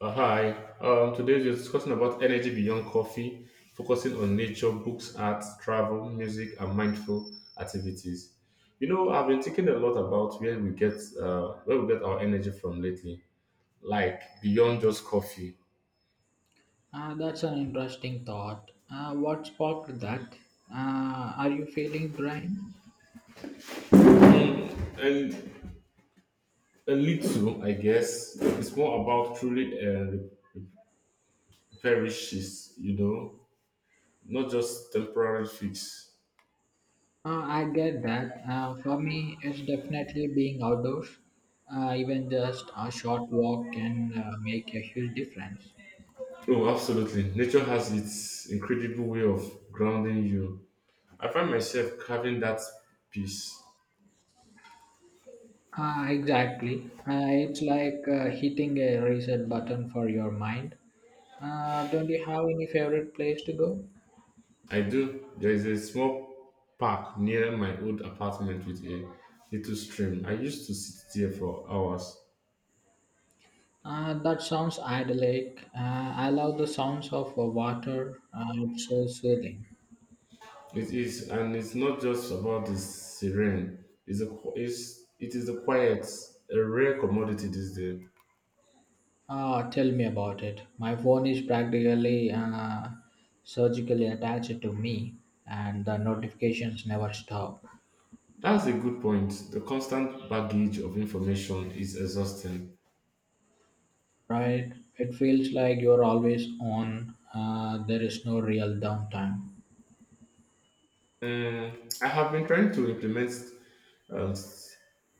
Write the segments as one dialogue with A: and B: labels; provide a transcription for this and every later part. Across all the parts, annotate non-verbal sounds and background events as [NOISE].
A: Hi. Today we're discussing about energy beyond coffee, focusing on nature, books, art, travel, music, and mindful activities. You know, I've been thinking a lot about where we get our energy from lately, like beyond just coffee,
B: That's an interesting thought. What sparked that? Are you feeling drained?
A: and a little, I guess, it's more about truly perishes. You know, not just temporary fix.
B: I get that. For me, it's definitely being outdoors. Even just a short walk can make a huge difference.
A: Oh, absolutely. Nature has its incredible way of grounding you. I find myself carving that piece.
B: Exactly. It's like hitting a reset button for your mind. Don't you have any favorite place to go?
A: I do. There is a small park near my old apartment with a little stream. I used to sit there for hours.
B: That sounds idyllic. I love the sounds of water. It's so soothing.
A: It is, and it's not just about the serene. It is the quiet, a rare commodity these days.
B: Ah, tell me about it. My phone is practically surgically attached to me, and the notifications never stop.
A: That's a good point. The constant baggage of information is exhausting.
B: Right? It feels like you're always on. There is no real downtime.
A: Mm, I have been trying to implement um, s-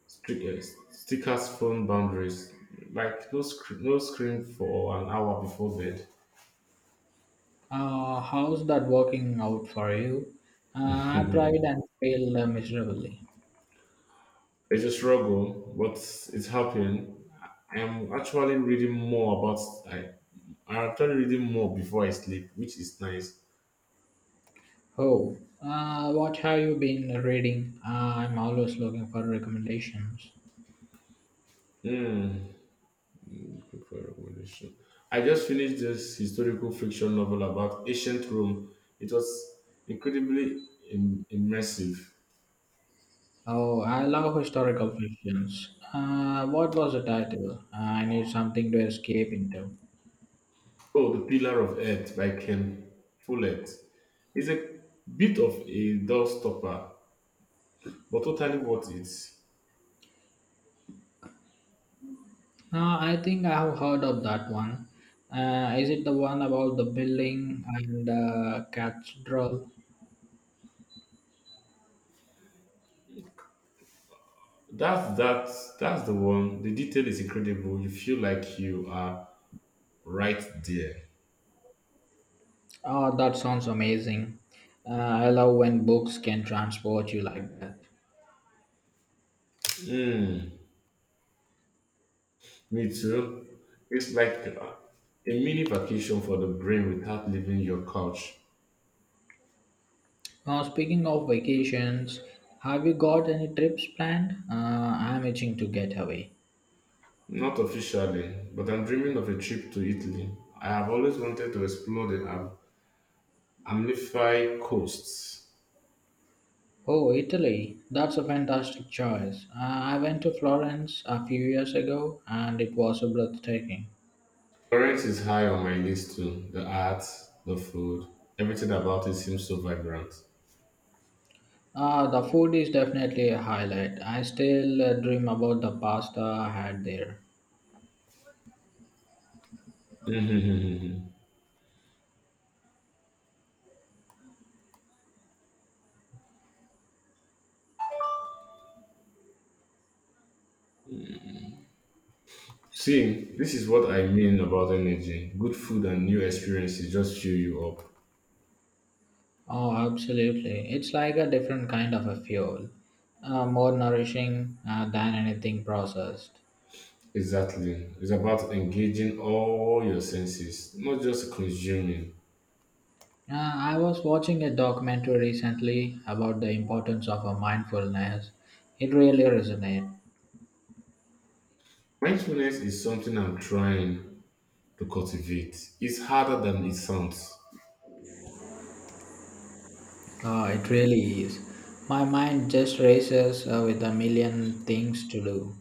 A: strict, stickers phone boundaries, like no screen for an hour before bed.
B: How's that working out for you?
A: [LAUGHS]
B: I tried
A: It's
B: and failed miserably.
A: a struggle, but it's helping. I am actually reading more about. I, I'm actually reading more before I sleep, which is nice.
B: Oh, what have you been reading? I'm always looking for recommendations.
A: Hmm. Looking for a recommendation. I just finished this historical fiction novel about ancient Rome. It was incredibly immersive.
B: Oh, I love historical fictions. What was the title? I need something to escape into.
A: Oh, The Pillar of Earth by Ken Follett is a bit of a doorstopper, but totally worth it.
B: I think I have heard of that one. Is it the one about the building and cathedral?
A: That's that. That's the one. The detail is incredible. You feel like you are right there.
B: Oh, that sounds amazing. Uh, I love when books can transport you like that.
A: Mm, me too. It's like a mini vacation for the brain without leaving your couch.
B: Now, speaking of vacations, have you got any trips planned? I'm itching to get away.
A: Not officially, but I'm dreaming of a trip to Italy. I have always wanted to explore the Amalfi coasts.
B: Oh, Italy. That's a fantastic choice. I went to Florence a few years ago and it was breathtaking.
A: Florence is high on my list too. The art, the food, everything about it seems so vibrant. [LAUGHS]
B: The food is definitely a highlight. I still dream about the pasta I had there.
A: Mhm. See, this is what I mean about energy. Good food and new experiences just cheer you up.
B: Oh, absolutely. It's like a different kind of a fuel, more nourishing than anything processed.
A: Exactly. It's about engaging all your senses, not just consuming.
B: I was watching a documentary recently about the importance of a mindfulness. It really resonated.
A: Mindfulness is something I'm trying to cultivate. It's harder than it sounds.
B: It really is. My mind just races with a million things to do.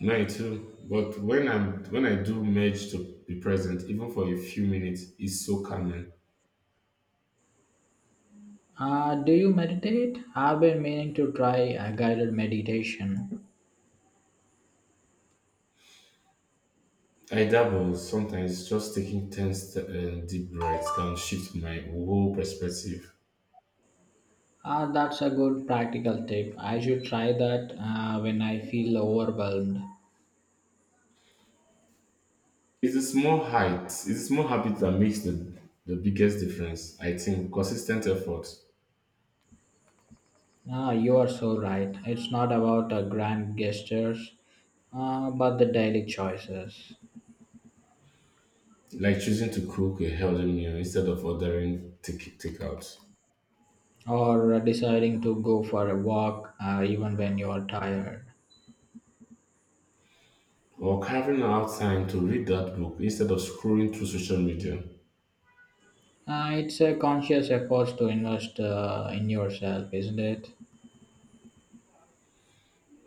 A: Mine too. But when I do manage to be present, even for a few minutes, it's so calming.
B: Do you meditate? I've been meaning to try a guided meditation.
A: I dabble sometimes just taking 10 deep breaths can shift my whole perspective.
B: That's a good practical tip. I should try that when I feel overwhelmed.
A: It's a small habit that makes the biggest difference, I think. Consistent effort,
B: Ah, you are so right. It's not about grand gestures, but the daily choices,
A: like choosing to cook a healthy meal instead of ordering takeout,
B: or deciding to go for a walk even when you are tired.
A: or carving out time to read that book instead of scrolling through social media.
B: It's a conscious effort to invest in yourself, isn't it?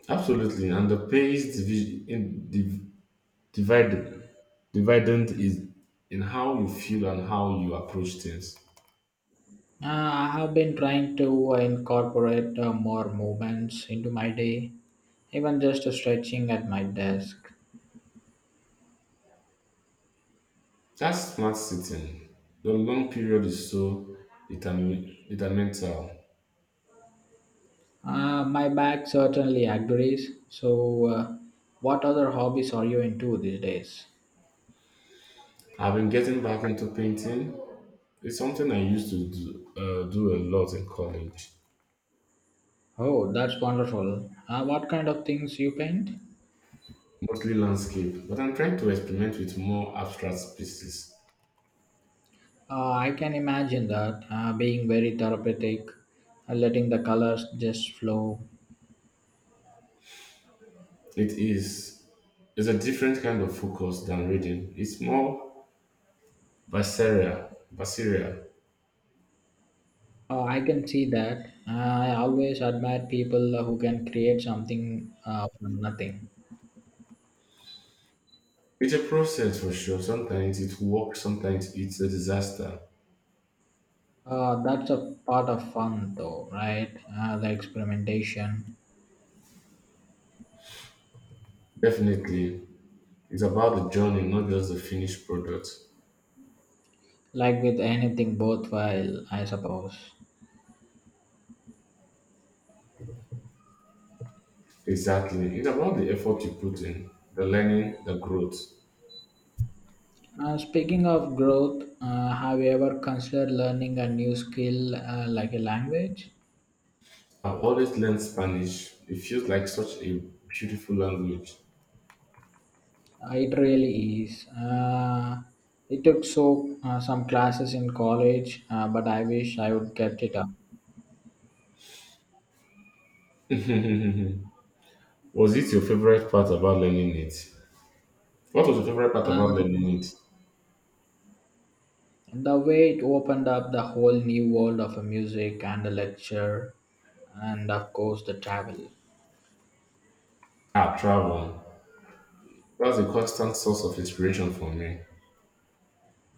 A: Absolutely, and the pace divi- in, div- divide, dividend is in how you feel and how you approach things.
B: I have been trying to incorporate more movements into my day, even just stretching at my desk.
A: That smart sitting, the long period is so detrimental.
B: My back certainly agrees. So, what other hobbies are you into these days?
A: I've been getting back into painting. It's something I used to do, do a lot in college,
B: Oh, that's wonderful. What kind of things you paint?
A: mostly landscape, but I'm trying to experiment with more abstract pieces.
B: I can imagine that being very therapeutic, letting the colors just flow.
A: It is it's a different kind of focus than reading. It's more visceral.
B: I can see that. I always admire people who can create something from nothing.
A: It's a process for sure. Sometimes it works, sometimes it's a disaster.
B: That's a part of fun, though, right? The experimentation,
A: Definitely, it's about the journey, not just the finished product.
B: like with anything worthwhile, I suppose.
A: Exactly. It's about the effort you put in, the learning, the growth.
B: Speaking of growth, have you ever considered learning a new skill like a language?
A: I've always learned Spanish. It feels like such a beautiful language.
B: It really is. It took so some classes in college, but I wish I would kept it up.
A: [LAUGHS] was it your favorite part about learning it? What was your favorite part about
B: Um,
A: learning it?
B: the way it opened up the whole new world of music and the lecture and of course the travel.
A: Ah, travel. That's a constant source of inspiration for me.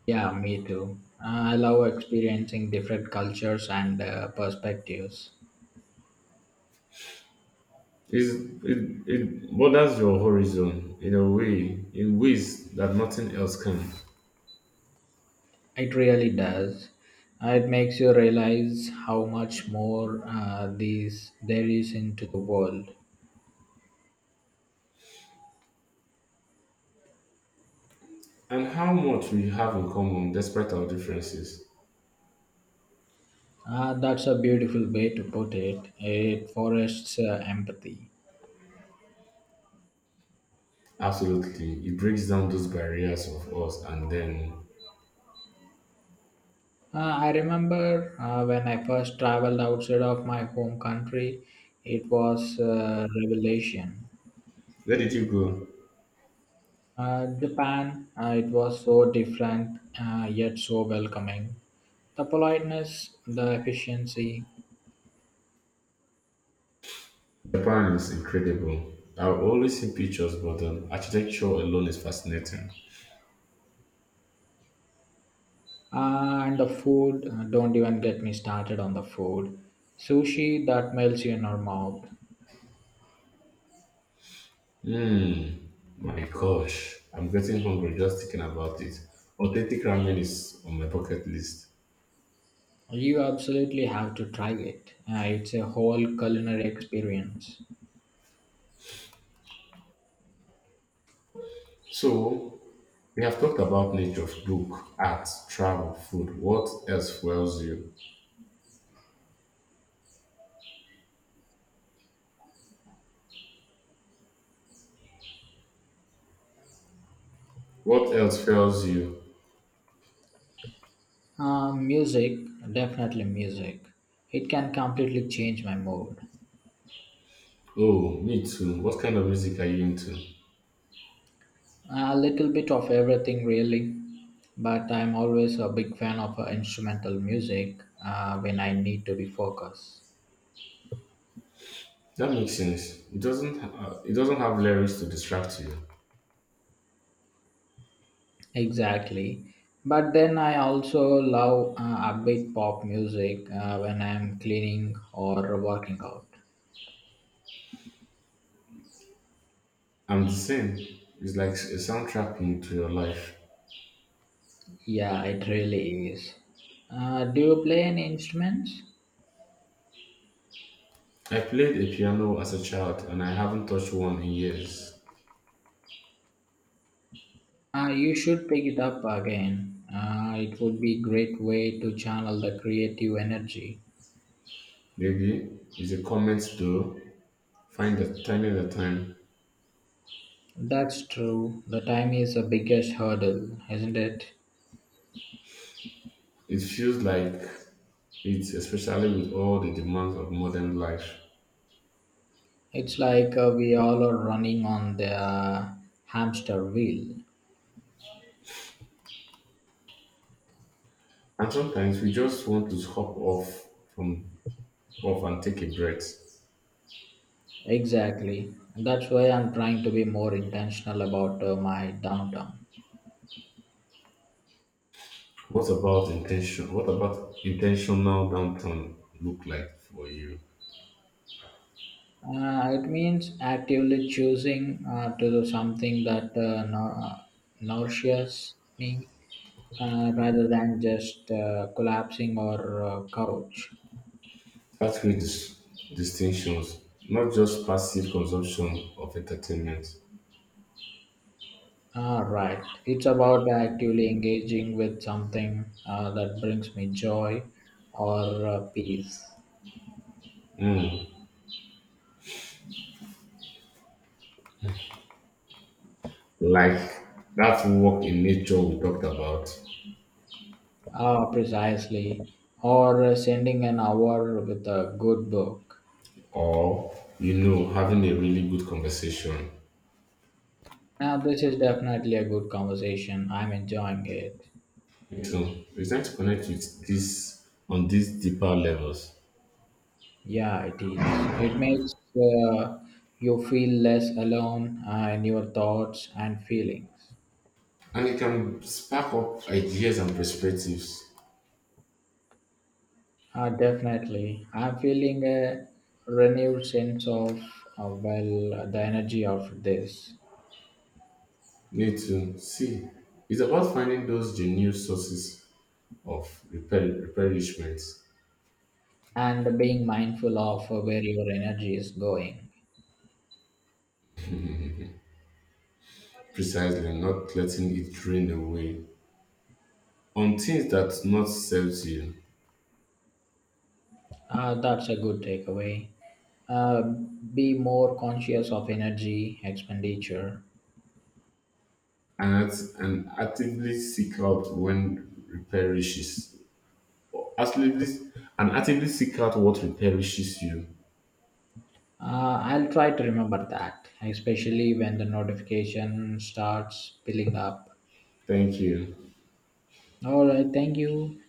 B: Yeah, me too, I love experiencing different cultures and perspectives.
A: It's, it borders your horizon in a way, in ways that nothing else can.
B: It really does. It makes you realize how much more these there is into the world.
A: And how much we have in common despite our differences.
B: That's a beautiful way to put it. It forests empathy.
A: Absolutely. It breaks down those barriers of us and then
B: I remember when I first traveled outside of my home country, it was a revelation.
A: where did you go?
B: Japan, it was so different yet so welcoming. The politeness, the efficiency,
A: Japan is incredible. I've always seen pictures, but the architecture alone is fascinating.
B: and the food, don't even get me started on the food. Sushi that melts you in your mouth.
A: Hmm. My gosh, I'm getting hungry just thinking about it. Authentic ramen is on my bucket list.
B: You absolutely have to try it. It's a whole culinary experience.
A: So we have talked about nature, book, art, travel, food. What else fuels you?
B: Music, definitely music. It can completely change my mood.
A: Oh, me too. What kind of music are you into?
B: A little bit of everything, really. But I'm always a big fan of instrumental music when I need to be focused.
A: That makes sense. It doesn't have lyrics to distract you.
B: Exactly. But then I also love upbeat pop music when I'm cleaning or working out.
A: I'm the same. It's like a soundtrack into your life.
B: Yeah, it really is. Do you play any instruments?
A: I played a piano as a child, and I haven't touched one in years.
B: You should pick it up again. It would be great way to channel the creative energy.
A: Maybe it's a comment though. Find that time at a time.
B: That's true. The time is the biggest hurdle, isn't it?
A: It feels like it's especially with all the demands of modern life.
B: It's like we all are running on the hamster wheel.
A: And sometimes we just want to hop off from off and take a breath.
B: Exactly. That's why I'm trying to be more intentional about my downtime.
A: What about intentional downtime look like for you?
B: It means actively choosing to do something that nourishes me rather than just collapsing or couch.
A: Earthquake distinctions, not just passive consumption of entertainment.
B: Ah, right. It's about actively engaging with something that brings me joy or peace.
A: Hmm. Like that walk in nature we talked about,
B: Ah, precisely. Or sending an hour with a good book.
A: or you know, having a really good conversation.
B: Now, this is definitely a good conversation. I'm enjoying it.
A: So it's time to connect with this on these deeper levels,
B: Yeah, it is. It makes you feel less alone in your thoughts and feelings.
A: and it can spark up ideas and perspectives.
B: Definitely. I'm feeling a renewed sense of, well, the energy of this
A: Need to see. It's about finding those genuine sources of repair, replenishment,
B: and being mindful of where your energy is going.
A: precisely, not letting it drain away on things that not serves you
B: That's a good takeaway. Uh, be more conscious of energy expenditure.
A: and act- and actively seek out when replenishes. Actively and actively seek out what replenishes you.
B: I'll try to remember that, especially when the notification starts piling up.
A: Thank you.
B: All right, thank you.